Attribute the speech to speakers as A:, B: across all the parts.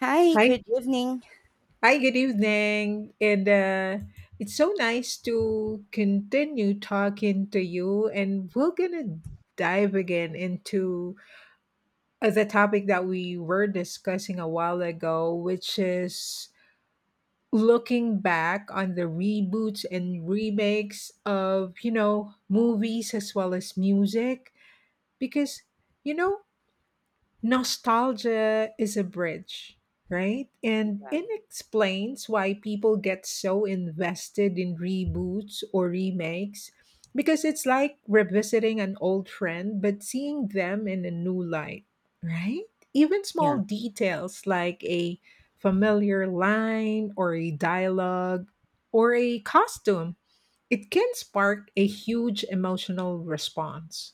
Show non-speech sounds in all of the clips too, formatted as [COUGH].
A: Hi,
B: Hi.
A: good evening.
B: Hi, good evening. And It's so nice to continue talking to you. And we're going to dive again into the topic that we were discussing a while ago, which is looking back on the reboots and remakes of, you know, movies as well as music. Because, you know, nostalgia is a bridge, right? And
A: Yeah.
B: it explains why people get so invested in reboots or remakes because it's like revisiting an old friend but seeing them in a new light, right? Even small
A: Yeah,
B: details like a familiar line or a dialogue or a costume, it can spark a huge emotional response.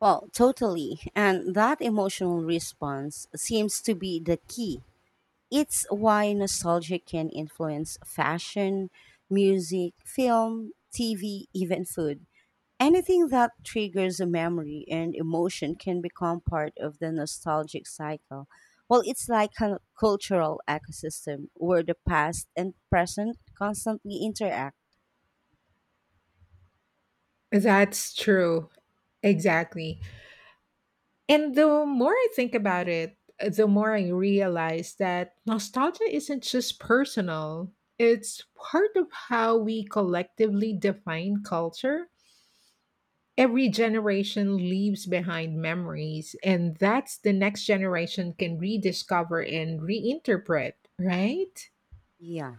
A: well, totally. And that emotional response seems to be the key. It's why nostalgia can influence fashion, music, film, TV, even food. Anything that triggers a memory and emotion can become part of the nostalgic cycle. Well, it's like a cultural ecosystem where the past and present constantly interact.
B: That's true. Exactly. And the more I think about it, the more I realize that nostalgia isn't just personal, it's part of how we collectively define culture. Every generation leaves behind memories, and that's the next generation can rediscover and reinterpret, right?
A: Yeah.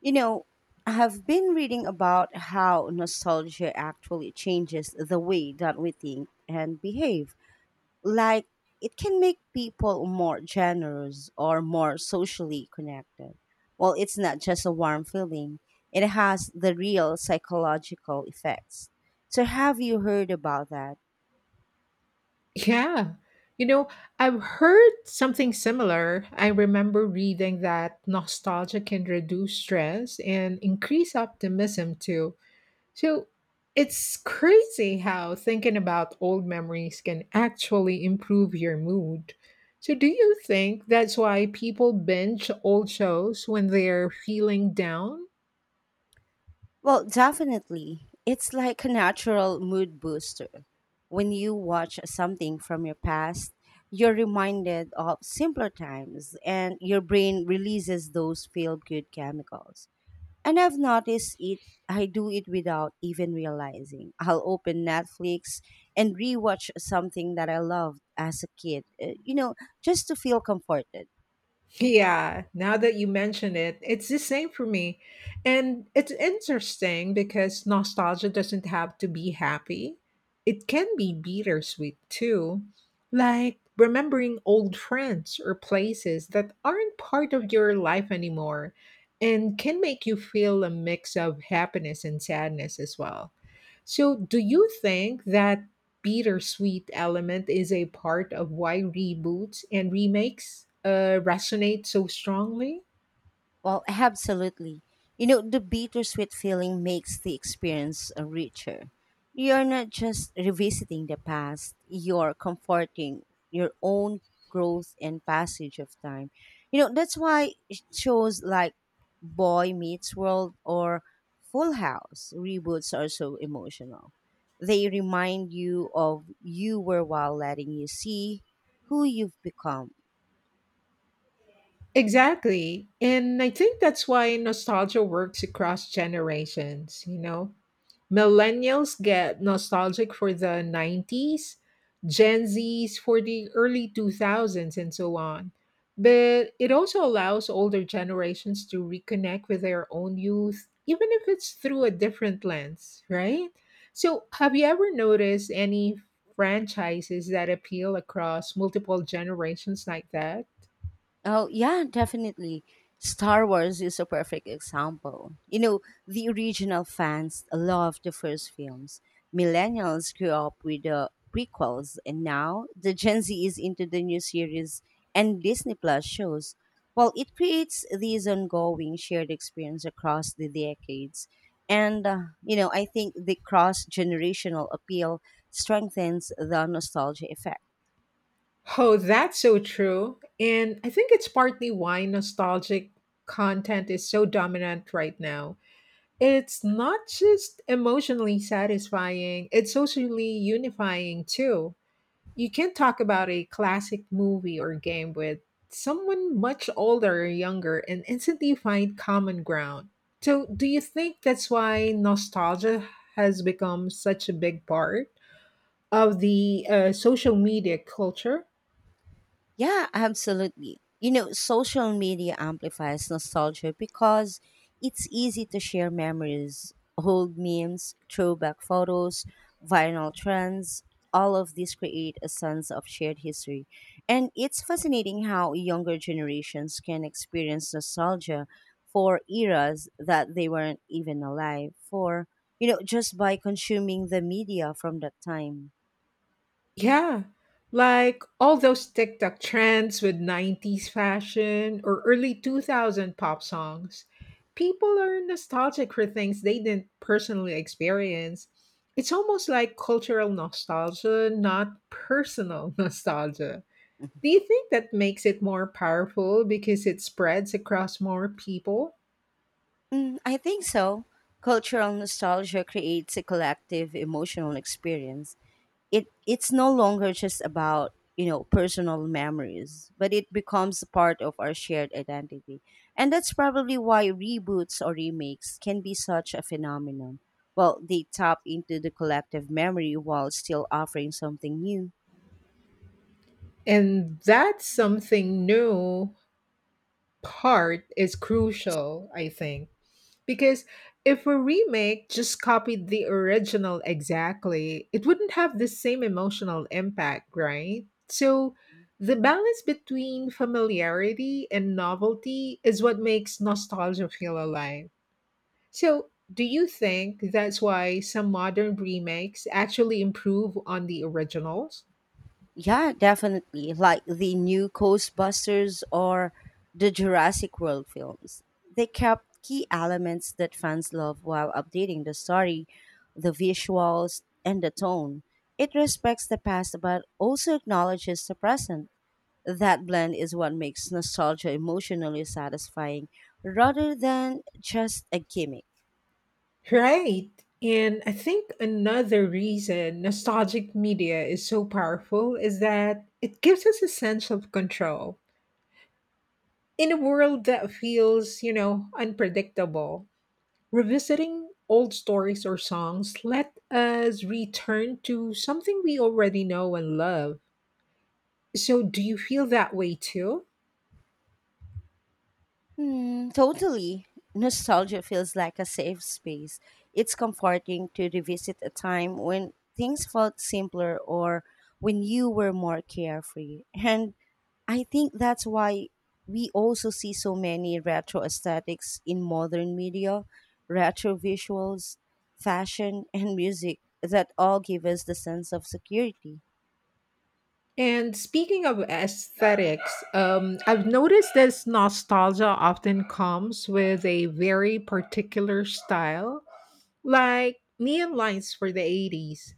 A: You know, I have been reading about how nostalgia actually changes the way that we think and behave. Like, it can make people more generous or more socially connected. Well, it's not just a warm feeling, it has the real psychological effects. So, have you heard about that?
B: Yeah. You know, I've heard something similar. I remember reading that nostalgia can reduce stress and increase optimism too. So it's crazy how thinking about old memories can actually improve your mood. So, do you think that's why people binge old shows when they're feeling down?
A: Well, definitely. It's like a natural mood booster. When you watch something from your past, you're reminded of simpler times and your brain releases those feel good chemicals. And I've noticed it, I do it without even realizing. I'll open Netflix and rewatch something that I loved as a kid, just to feel comforted.
B: Yeah, now that you mention it, it's the same for me. And it's interesting because nostalgia doesn't have to be happy. It can be bittersweet too, like remembering old friends or places that aren't part of your life anymore and can make you feel a mix of happiness and sadness as well. So, do you think that bittersweet element is a part of why reboots and remakes resonate so strongly?
A: Well, absolutely. You know, the bittersweet feeling makes the experience richer. You're not just revisiting the past, you're comforting your own growth and passage of time. You know, that's why shows like Boy Meets World or Full House reboots are so emotional. They remind you of you were while letting you see who you've become.
B: Exactly. And I think that's why nostalgia works across generations, you know? Millennials get nostalgic for the 90s, Gen Zs for the early 2000s, and so on. But it also allows older generations to reconnect with their own youth, even if it's through a different lens, right? So, have you ever noticed any franchises that appeal across multiple generations like that?
A: Oh, yeah, definitely. Star Wars is a perfect example. You know, the original fans loved the first films. Millennials grew up with the prequels, and now the Gen Z is into the new series and Disney Plus shows. Well, it creates these ongoing shared experience across the decades. And I think the cross generational appeal strengthens the nostalgia effect.
B: Oh, that's so true. And I think it's partly why nostalgic content is so dominant right now. It's not just emotionally satisfying, it's socially unifying too. You can't talk about a classic movie or game with someone much older or younger and instantly find common ground. So, do you think that's why nostalgia has become such a big part of the social media culture?
A: Yeah, absolutely. You know, social media amplifies nostalgia because it's easy to share memories, old memes, throwback photos, viral trends. All of these create a sense of shared history. And it's fascinating how younger generations can experience nostalgia for eras that they weren't even alive for, just by consuming the media from that time.
B: Yeah. Like all those TikTok trends with 90s fashion or early 2000 pop songs. People are nostalgic for things they didn't personally experience. It's almost like cultural nostalgia, not personal [LAUGHS] nostalgia. Do you think that makes it more powerful because it spreads across more people?
A: Mm, I think so. Cultural nostalgia creates a collective emotional experience. It's no longer just about, personal memories, but it becomes a part of our shared identity. And that's probably why reboots or remakes can be such a phenomenon. Well, they tap into the collective memory while still offering something new.
B: And that something new part is crucial, I think. Because if a remake just copied the original exactly, it wouldn't have the same emotional impact, right? So the balance between familiarity and novelty is what makes nostalgia feel alive. So, do you think that's why some modern remakes actually improve on the originals?
A: Yeah, definitely. Like the new Ghostbusters or the Jurassic World films. They kept key elements that fans love while updating the story, the visuals, and the tone. It respects the past but also acknowledges the present. That blend is what makes nostalgia emotionally satisfying rather than just a gimmick.
B: Right. And I think another reason nostalgic media is so powerful is that it gives us a sense of control in a world that feels, you know, unpredictable. Revisiting old stories or songs let us return to something we already know and love. So, do you feel that way too?
A: Hmm, totally. Nostalgia feels like a safe space. It's comforting to revisit a time when things felt simpler or when you were more carefree. And I think that's why we also see so many retro aesthetics in modern media, retro visuals, fashion, and music that all give us the sense of security.
B: And speaking of aesthetics, I've noticed this nostalgia often comes with a very particular style, like neon lines for the 80s,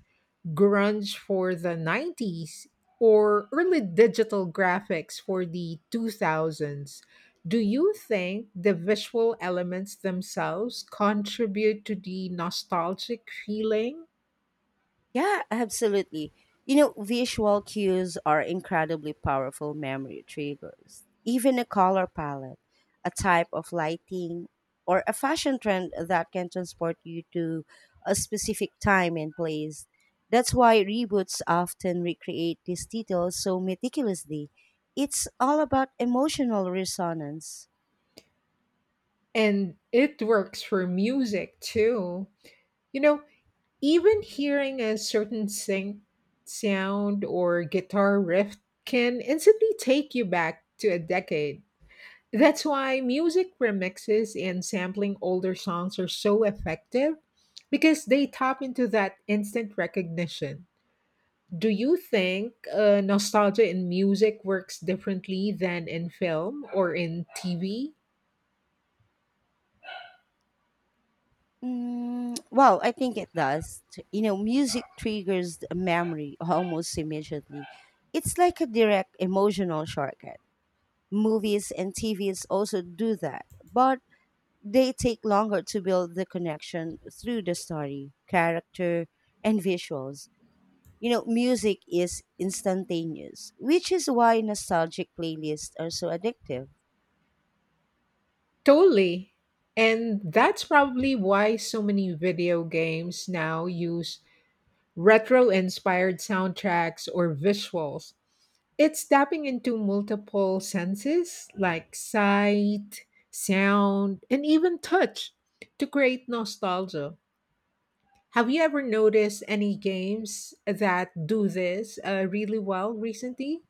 B: grunge for the 90s, or early digital graphics for the 2000s. Do you think the visual elements themselves contribute to the nostalgic feeling?
A: Yeah, absolutely. You know, visual cues are incredibly powerful memory triggers. Even a color palette, a type of lighting, or a fashion trend that can transport you to a specific time and place. That's why reboots often recreate these details so meticulously. It's all about emotional resonance.
B: And it works for music too. You know, even hearing a certain synth sound or guitar riff can instantly take you back to a decade. That's why music remixes and sampling older songs are so effective because they tap into that instant recognition. Do you think nostalgia in music works differently than in film or in TV?
A: Well, I think it does. You know, music triggers a memory almost immediately. It's like a direct emotional shortcut. Movies and TVs also do that, but they take longer to build the connection through the story, character, and visuals. You know, music is instantaneous, which is why nostalgic playlists are so addictive.
B: Totally. And that's probably why so many video games now use retro inspired soundtracks or visuals. It's tapping into multiple senses like sight, sound, and even touch to create nostalgia. Have you ever noticed any games that do this really well recently?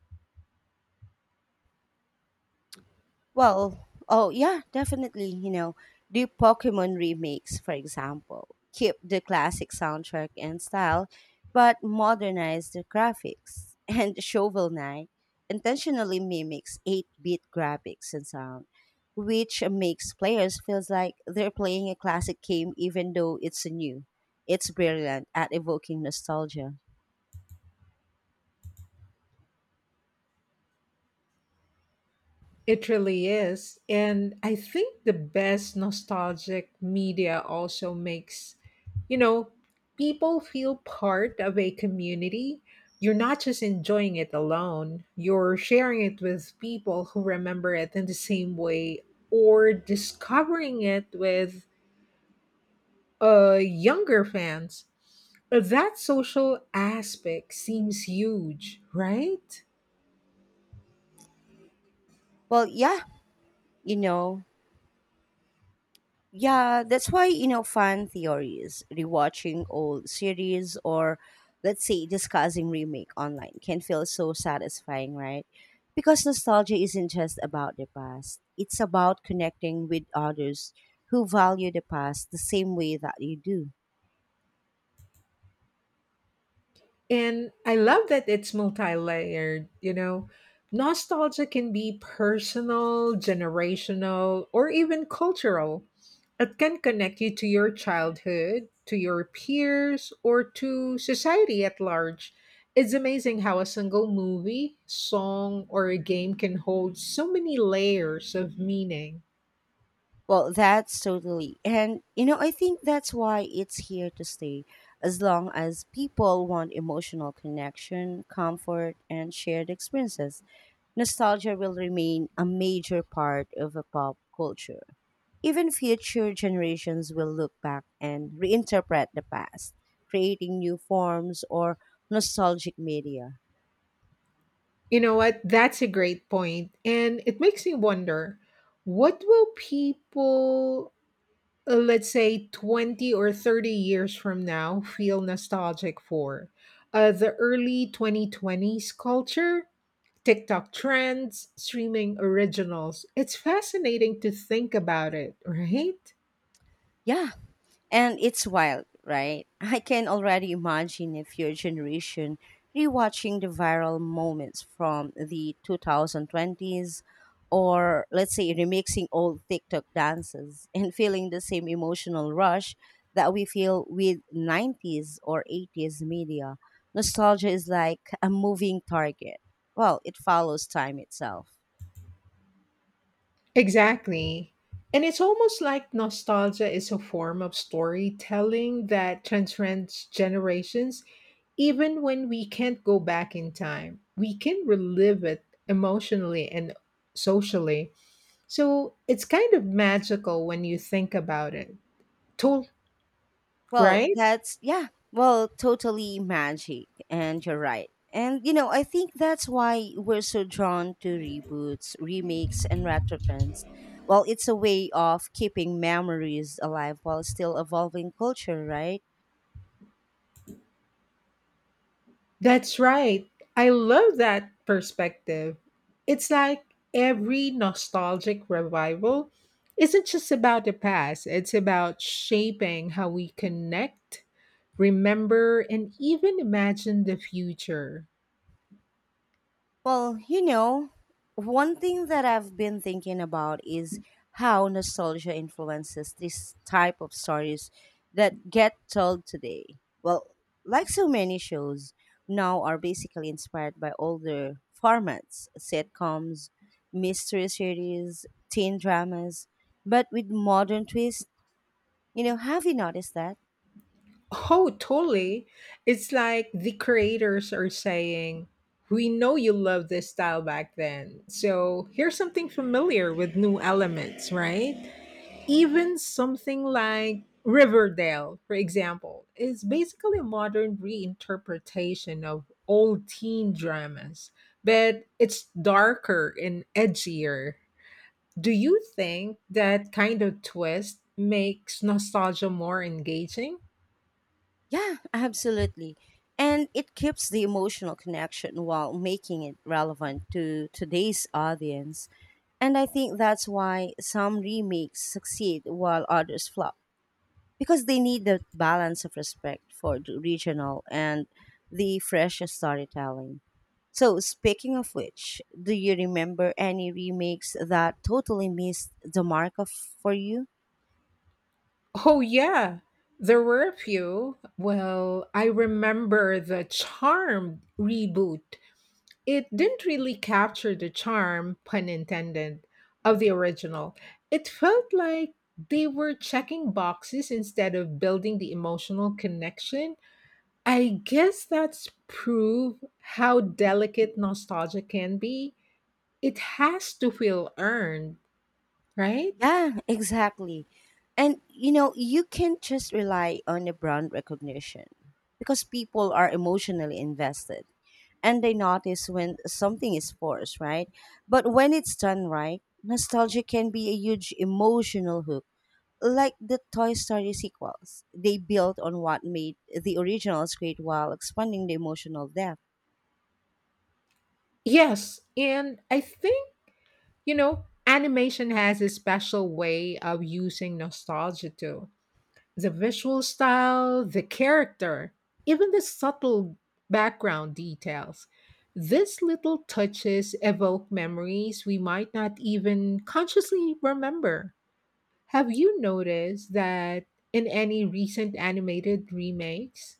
A: Well, oh yeah, definitely. You know, the Pokemon remakes, for example, keep the classic soundtrack and style, but modernize the graphics. [LAUGHS] And Shovel Knight intentionally mimics 8-bit graphics and sound, which makes players feels like they're playing a classic game even though it's new. It's brilliant at evoking nostalgia.
B: It really is. And I think the best nostalgic media also makes, you know, people feel part of a community. You're not just enjoying it alone, you're sharing it with people who remember it in the same way or discovering it with younger fans. That social aspect seems huge, right?
A: Well, yeah, you know, Yeah, that's why, fan theories, rewatching old series or let's say discussing remake online can feel so satisfying, right? Because nostalgia isn't just about the past. It's about connecting with others who value the past the same way that you do.
B: And I love that it's multi layered, you know. Nostalgia can be personal, generational, or even cultural. It can connect you to your childhood, to your peers, or to society at large. It's amazing how a single movie, song, or a game can hold so many layers of meaning.
A: Well, that's totally. And I think that's why it's here to stay. As long as people want emotional connection, comfort, and shared experiences, nostalgia will remain a major part of a pop culture. Even future generations will look back and reinterpret the past, creating new forms or nostalgic media.
B: You know what? That's a great point. And it makes me wonder what will people let's say 20 or 30 years from now feel nostalgic for. The early 2020s culture, tiktok trends, streaming originals, it's fascinating to think about it, right?
A: Yeah, and it's wild, right? [LAUGHS] I can already imagine a future generation rewatching the viral moments from the 2020s or let's say remixing old TikTok dances [LAUGHS] and feeling the same emotional rush that we feel with 90s or 80s media. Nostalgia is like a moving target. Well, it follows time itself.
B: Exactly. And it's almost like nostalgia is a form of storytelling that transcends generations. Even when we can't go back in time, we can relive it emotionally and socially. So it's kind of magical when you think about it. To-
A: Well,
B: right?
A: that's yeah. Well, totally magic, and you're right. And you know, I think that's why we're so drawn to reboots, remakes, and retro trends. Well, it's a way of keeping memories alive while still evolving culture, right?
B: That's right. I love that perspective. It's like every nostalgic revival isn't just about the past, it's about shaping how we connect, remember, and even imagine the future.
A: Well, you know, one thing that I've been thinking about is how nostalgia influences this type of stories that get told today. Well, like so many shows now are basically inspired by older formats, sitcoms, mystery series, teen dramas, but with modern twists. You know, have you noticed that?
B: Oh, totally. It's like the creators are saying, we know you loved this style back then. So here's something familiar with new elements, right? Even something like Riverdale, for example, is basically a modern reinterpretation of old teen dramas, but it's darker and edgier. Do you think that kind of twist makes nostalgia more engaging?
A: Yeah, absolutely. And it keeps the emotional connection while making it relevant to today's audience. And I think that's why some remakes succeed while others flop, because they need the balance of respect for the regional and the fresh storytelling. So, speaking of which, do you remember any remakes that totally missed the mark of, for you?
B: Oh, yeah. There were a few. Well, I remember the Charmed reboot. It didn't really capture the charm, pun intended, of the original. It felt like they were checking boxes instead of building the emotional connection. I guess that's proof how delicate nostalgia can be. It has to feel earned, right?
A: Yeah, exactly. And you know, you can't just rely on the brand recognition because people are emotionally invested and they notice when something is forced, right? But when it's done right, nostalgia can be a huge emotional hook. Like the Toy Story sequels, they built on what made the originals great while expanding the emotional depth.
B: Yes, and I think, you know, animation has a special way of using nostalgia too. The visual style, the character, even the subtle background details. These little touches evoke memories we might not even consciously remember. Have you noticed that in any recent animated remakes?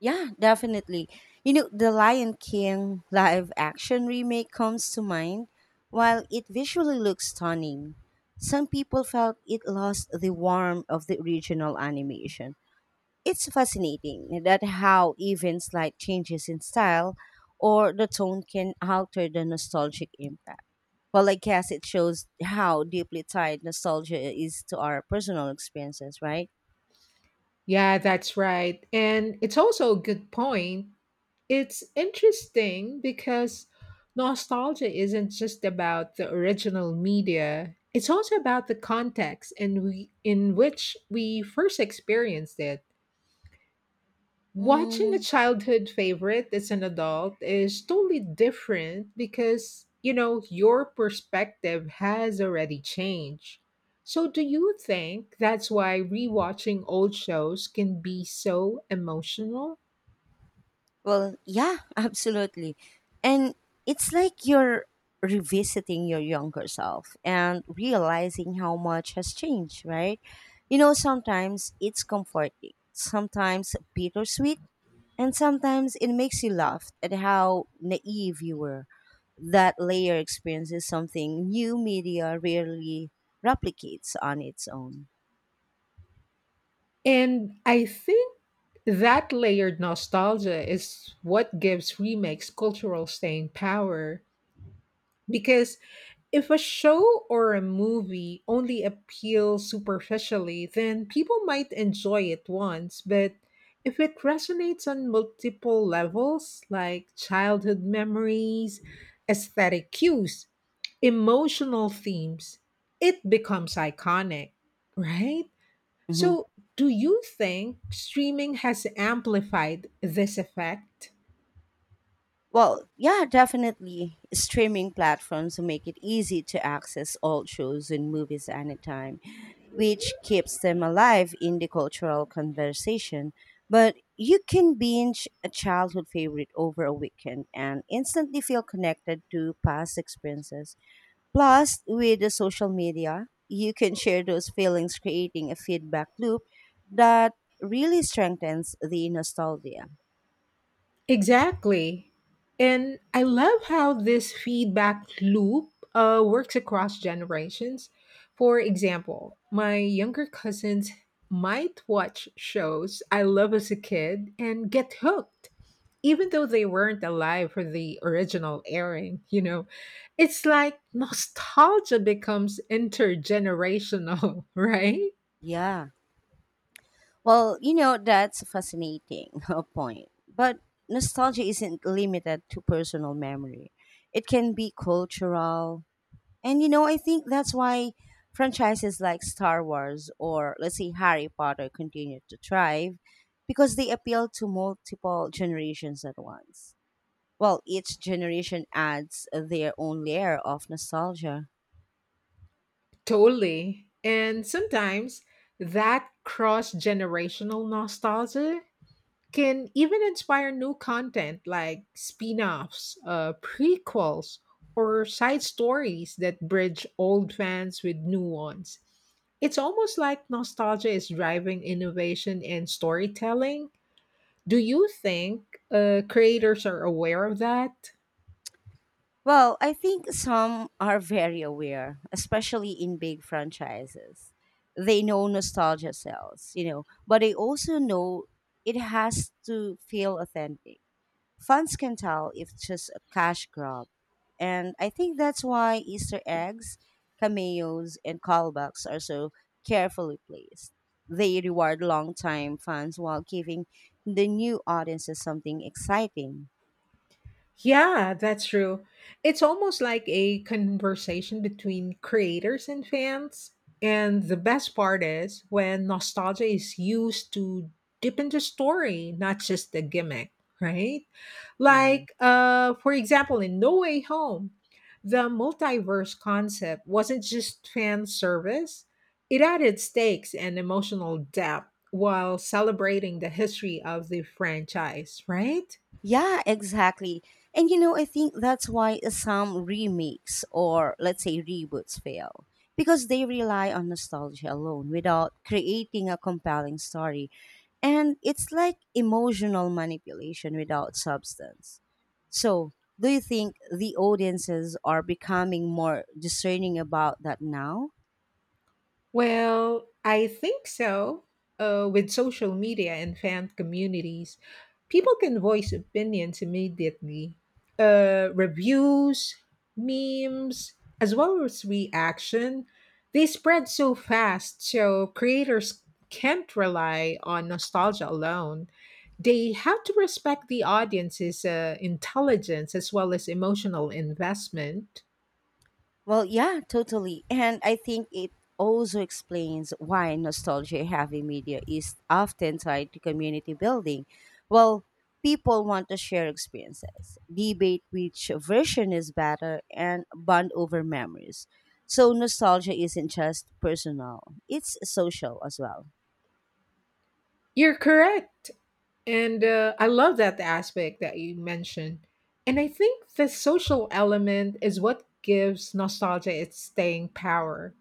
A: Yeah, definitely. You know, the Lion King live action remake comes to mind. While it visually looks stunning, some people felt it lost the warmth of the original animation. It's fascinating that how even slight changes in style or the tone can alter the nostalgic impact. Well, I guess it shows how deeply tied nostalgia is to our personal experiences, right?
B: Yeah, that's right. And it's also a good point. It's interesting because nostalgia isn't just about the original media. It's also about the context and we, in which we first experienced it. Watching a
A: Mm.
B: childhood favorite as an adult is totally different because, you know, your perspective has already changed. So, do you think that's why rewatching old shows can be so emotional?
A: Well, yeah, [LAUGHS] absolutely. And it's like you're revisiting your younger self and realizing how much has changed, right? You know, sometimes it's comforting, sometimes bittersweet, and sometimes it makes you laugh at how naive you were. That layer experience is something new media rarely replicates on its own.
B: And I think that layered nostalgia is what gives remakes cultural staying power. Because if a show or a movie only appeals superficially, then people might enjoy it once. But if it resonates on multiple levels, like childhood memories, aesthetic cues, emotional themes, it becomes iconic, right?
A: Mm-hmm.
B: So, do you think streaming has amplified this effect?
A: Well, yeah, definitely. Streaming platforms make it easy to access old shows and movies anytime, which keeps them alive in the cultural conversation. But you can binge a childhood favorite over a weekend and instantly feel connected to past experiences. Plus, with the social media, you can share those feelings, creating a feedback loop that really strengthens the nostalgia.
B: Exactly. And I love how this feedback loop works across generations. For example, my younger cousins might watch shows I love as a kid and get hooked, even though they weren't alive for the original airing, you know. It's like nostalgia becomes intergenerational, [LAUGHS] right?
A: Yeah. Well, that's a fascinating [LAUGHS] point. But nostalgia isn't limited to personal memory, it can be cultural. And I think that's why franchises like Star Wars or, let's say, Harry Potter continue to thrive because they appeal to multiple generations at once. Well, each generation adds their own layer of nostalgia.
B: Totally. And sometimes that cross generational nostalgia can even inspire new content like spin offs, prequels, or side stories that bridge old fans with new ones. It's almost like nostalgia is driving innovation and storytelling. Do you think creators are aware of that?
A: Well, I think some are very aware, especially in big franchises. They know nostalgia sells, but they also know it has to feel authentic. Fans can tell if it's just a cash grab. And I think that's why Easter eggs, cameos, and callbacks are so carefully placed. They reward longtime fans while giving the new audiences something exciting.
B: Yeah, that's true. It's almost like a conversation between creators and fans. And the best part is when nostalgia is used to deepen the story, not just the gimmick, right?
A: Yeah.
B: Like, for example, in No Way Home, the multiverse concept wasn't just fan service, it added stakes and emotional depth while celebrating the history of the franchise, right?
A: Yeah, exactly. And you know, I think that's why some remakes or let's say reboots fail because they rely on nostalgia alone without creating a compelling story. And it's like emotional manipulation without substance. So, do you think the audiences are becoming more discerning about that now?
B: Well, I think so. With social media and fan communities, people can voice opinions immediately. Reviews, memes, as well as reaction, they spread so fast, so creators can't rely on nostalgia alone. They have to respect the audience's intelligence as well as emotional investment.
A: Well, yeah, totally. And I think it also explains why nostalgia heavy media is often tied to community building. Well, people want to share experiences, debate which version is better, and bond over memories. So, nostalgia isn't just personal, it's social as well.
B: You're correct. And I love that aspect that you mentioned. And I think the social element is what gives nostalgia its staying power.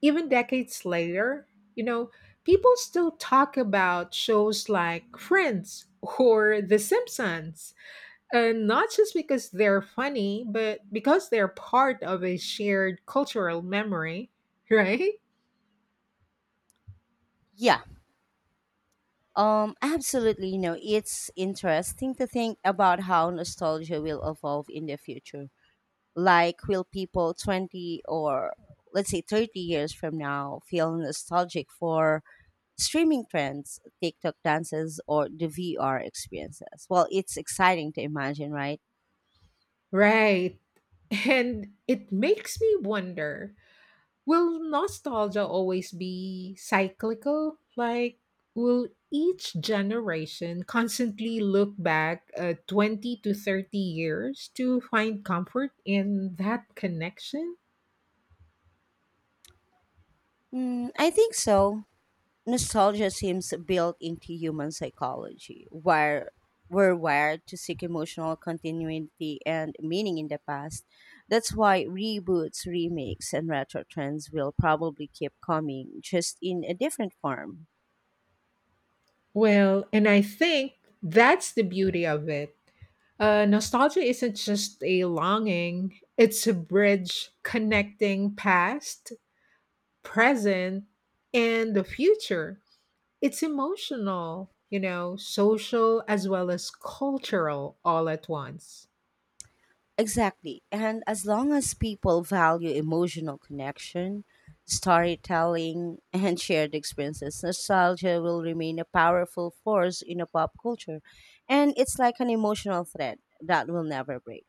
B: Even decades later, you know, people still talk about shows like Friends or The Simpsons. And not just because they're funny, but because they're part of a shared cultural memory, [LAUGHS] right?
A: Yeah. Absolutely, you know, it's interesting to think about how nostalgia will evolve in the future. Like, will people 20 or let's say 30 years from now feel nostalgic for streaming trends, TikTok dances, or the VR experiences? Well, it's exciting to imagine, right?
B: Right. And it makes me wonder, will nostalgia always be cyclical? Like, will each generation constantly look back 20 to 30 years to find comfort in that connection?
A: Mm, I think so. Nostalgia seems built into human psychology, where we're wired to seek emotional continuity and meaning in the past. That's why reboots, remakes, and retro trends will probably keep coming, just in a different form.
B: Well, and I think that's the beauty of it. Nostalgia isn't just a longing, it's a bridge connecting past, present, and the future. It's emotional, you know, social as well as cultural all at once.
A: Exactly. And as long as people value emotional connection, storytelling, [LAUGHS] and shared experiences, nostalgia will remain a powerful force in a pop culture. And it's like an emotional thread that will never break.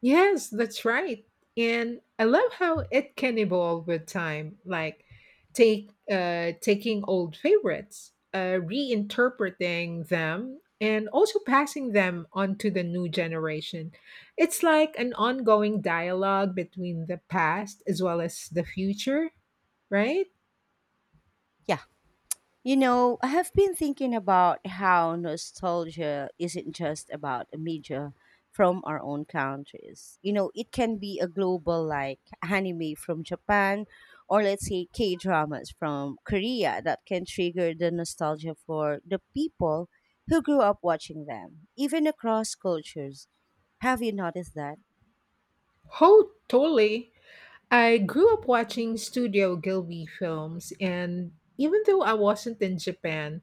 B: Yes, that's right. And I love how it can evolve with time, like take taking old favorites, reinterpreting them, and also passing them on to the new generation. It's like an ongoing dialogue between the past as well as the future, right?
A: Yeah. You know, I have been thinking about how nostalgia isn't just about a media from our own countries. You know, it can be a global like anime from Japan or let's say K dramas from Korea that can trigger the nostalgia for the people who grew up watching them, even across cultures. Have you noticed that?
B: Oh, totally. I grew up watching Studio Gilby films, and even though I wasn't in Japan,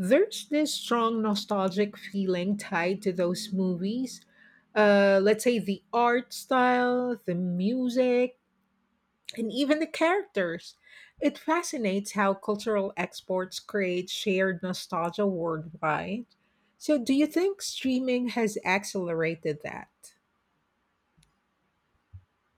B: there's this strong nostalgic feeling tied to those movies. Let's say the art style, the music, and even the characters. It fascinates how cultural exports create shared nostalgia worldwide. So, do you think streaming has accelerated that?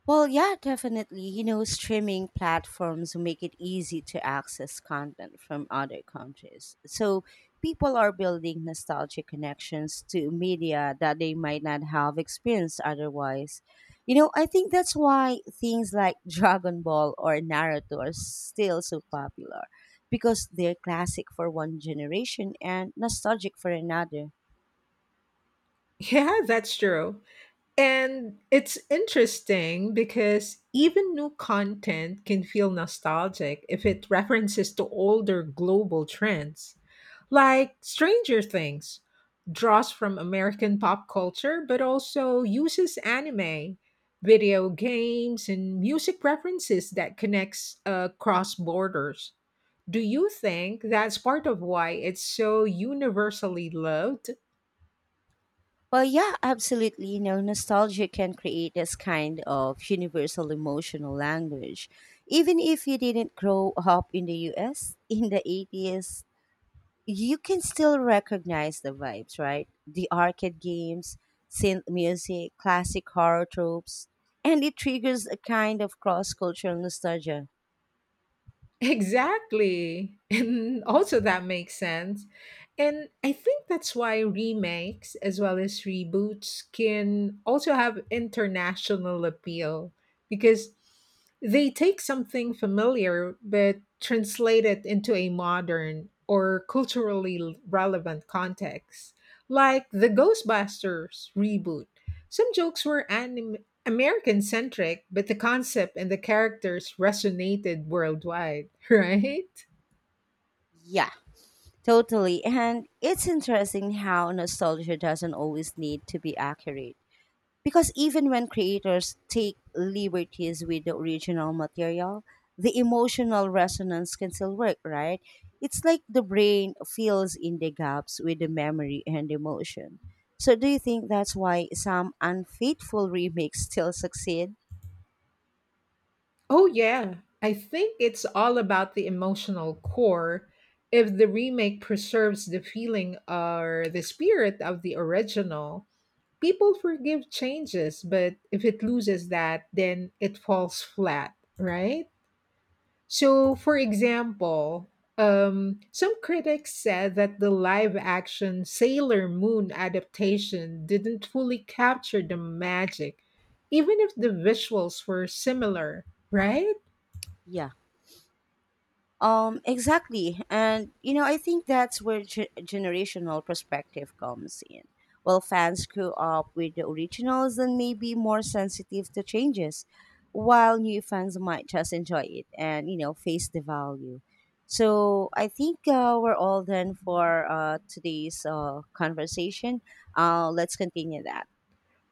A: Well, yeah, definitely. You know, streaming platforms make it easy to access content from other countries. So people are building nostalgic connections to media that they might not have experienced otherwise. You know, I think that's why things like [LAUGHS] Dragon Ball or Naruto are still so popular because they're classic for one generation and nostalgic for another.
B: Yeah, that's true. And it's interesting because even new content can feel nostalgic if it references to older global trends. Like Stranger Things draws from American pop culture but also uses anime, video games and music references that connects across borders. Do you think that's part of why it's so universally loved?
A: Well, yeah, absolutely. You know, nostalgia can create this kind of universal emotional language. Even if you didn't grow up in the US [LAUGHS] in the 80s, you can still recognize the vibes, right? The arcade games, synth music, classic horror tropes, and it triggers a kind of cross cultural nostalgia.
B: Exactly. [LAUGHS] And also that makes sense. And I think that's why remakes as well as reboots can also have international appeal because they take something familiar but translate it into a modern or culturally relevant context. Like the Ghostbusters reboot. Some jokes were American centric, but the concept and the characters resonated worldwide, [LAUGHS] right?
A: Yeah, totally. And it's interesting how nostalgia doesn't always need to be accurate. Because even when creators take liberties with the original material, the emotional resonance can still work, right? It's like the brain fills in the gaps with the memory and emotion. So, do you think that's why some unfaithful remakes still succeed?
B: Oh, yeah. I think it's all about the emotional core. If the remake preserves the feeling or the spirit of the original, people forgive changes, but if it loses that, then it falls flat, right? So, for example, some critics said that the live action Sailor Moon adaptation didn't fully capture the magic, even if the visuals were similar, right?
A: Yeah. Exactly. And I think that's where generational perspective comes in. Well, fans grew up with the originals and may be more sensitive to changes, while new fans might just enjoy it and, face the value. So I think we're all done for today's conversation. Let's continue that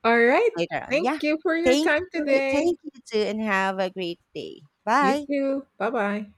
B: All right.
A: later on. Yeah.
B: Thank you for your
A: Thank
B: time
A: you.
B: today.
A: Thank you too, and have a great day.
B: You
A: Bye.
B: too. Bye bye.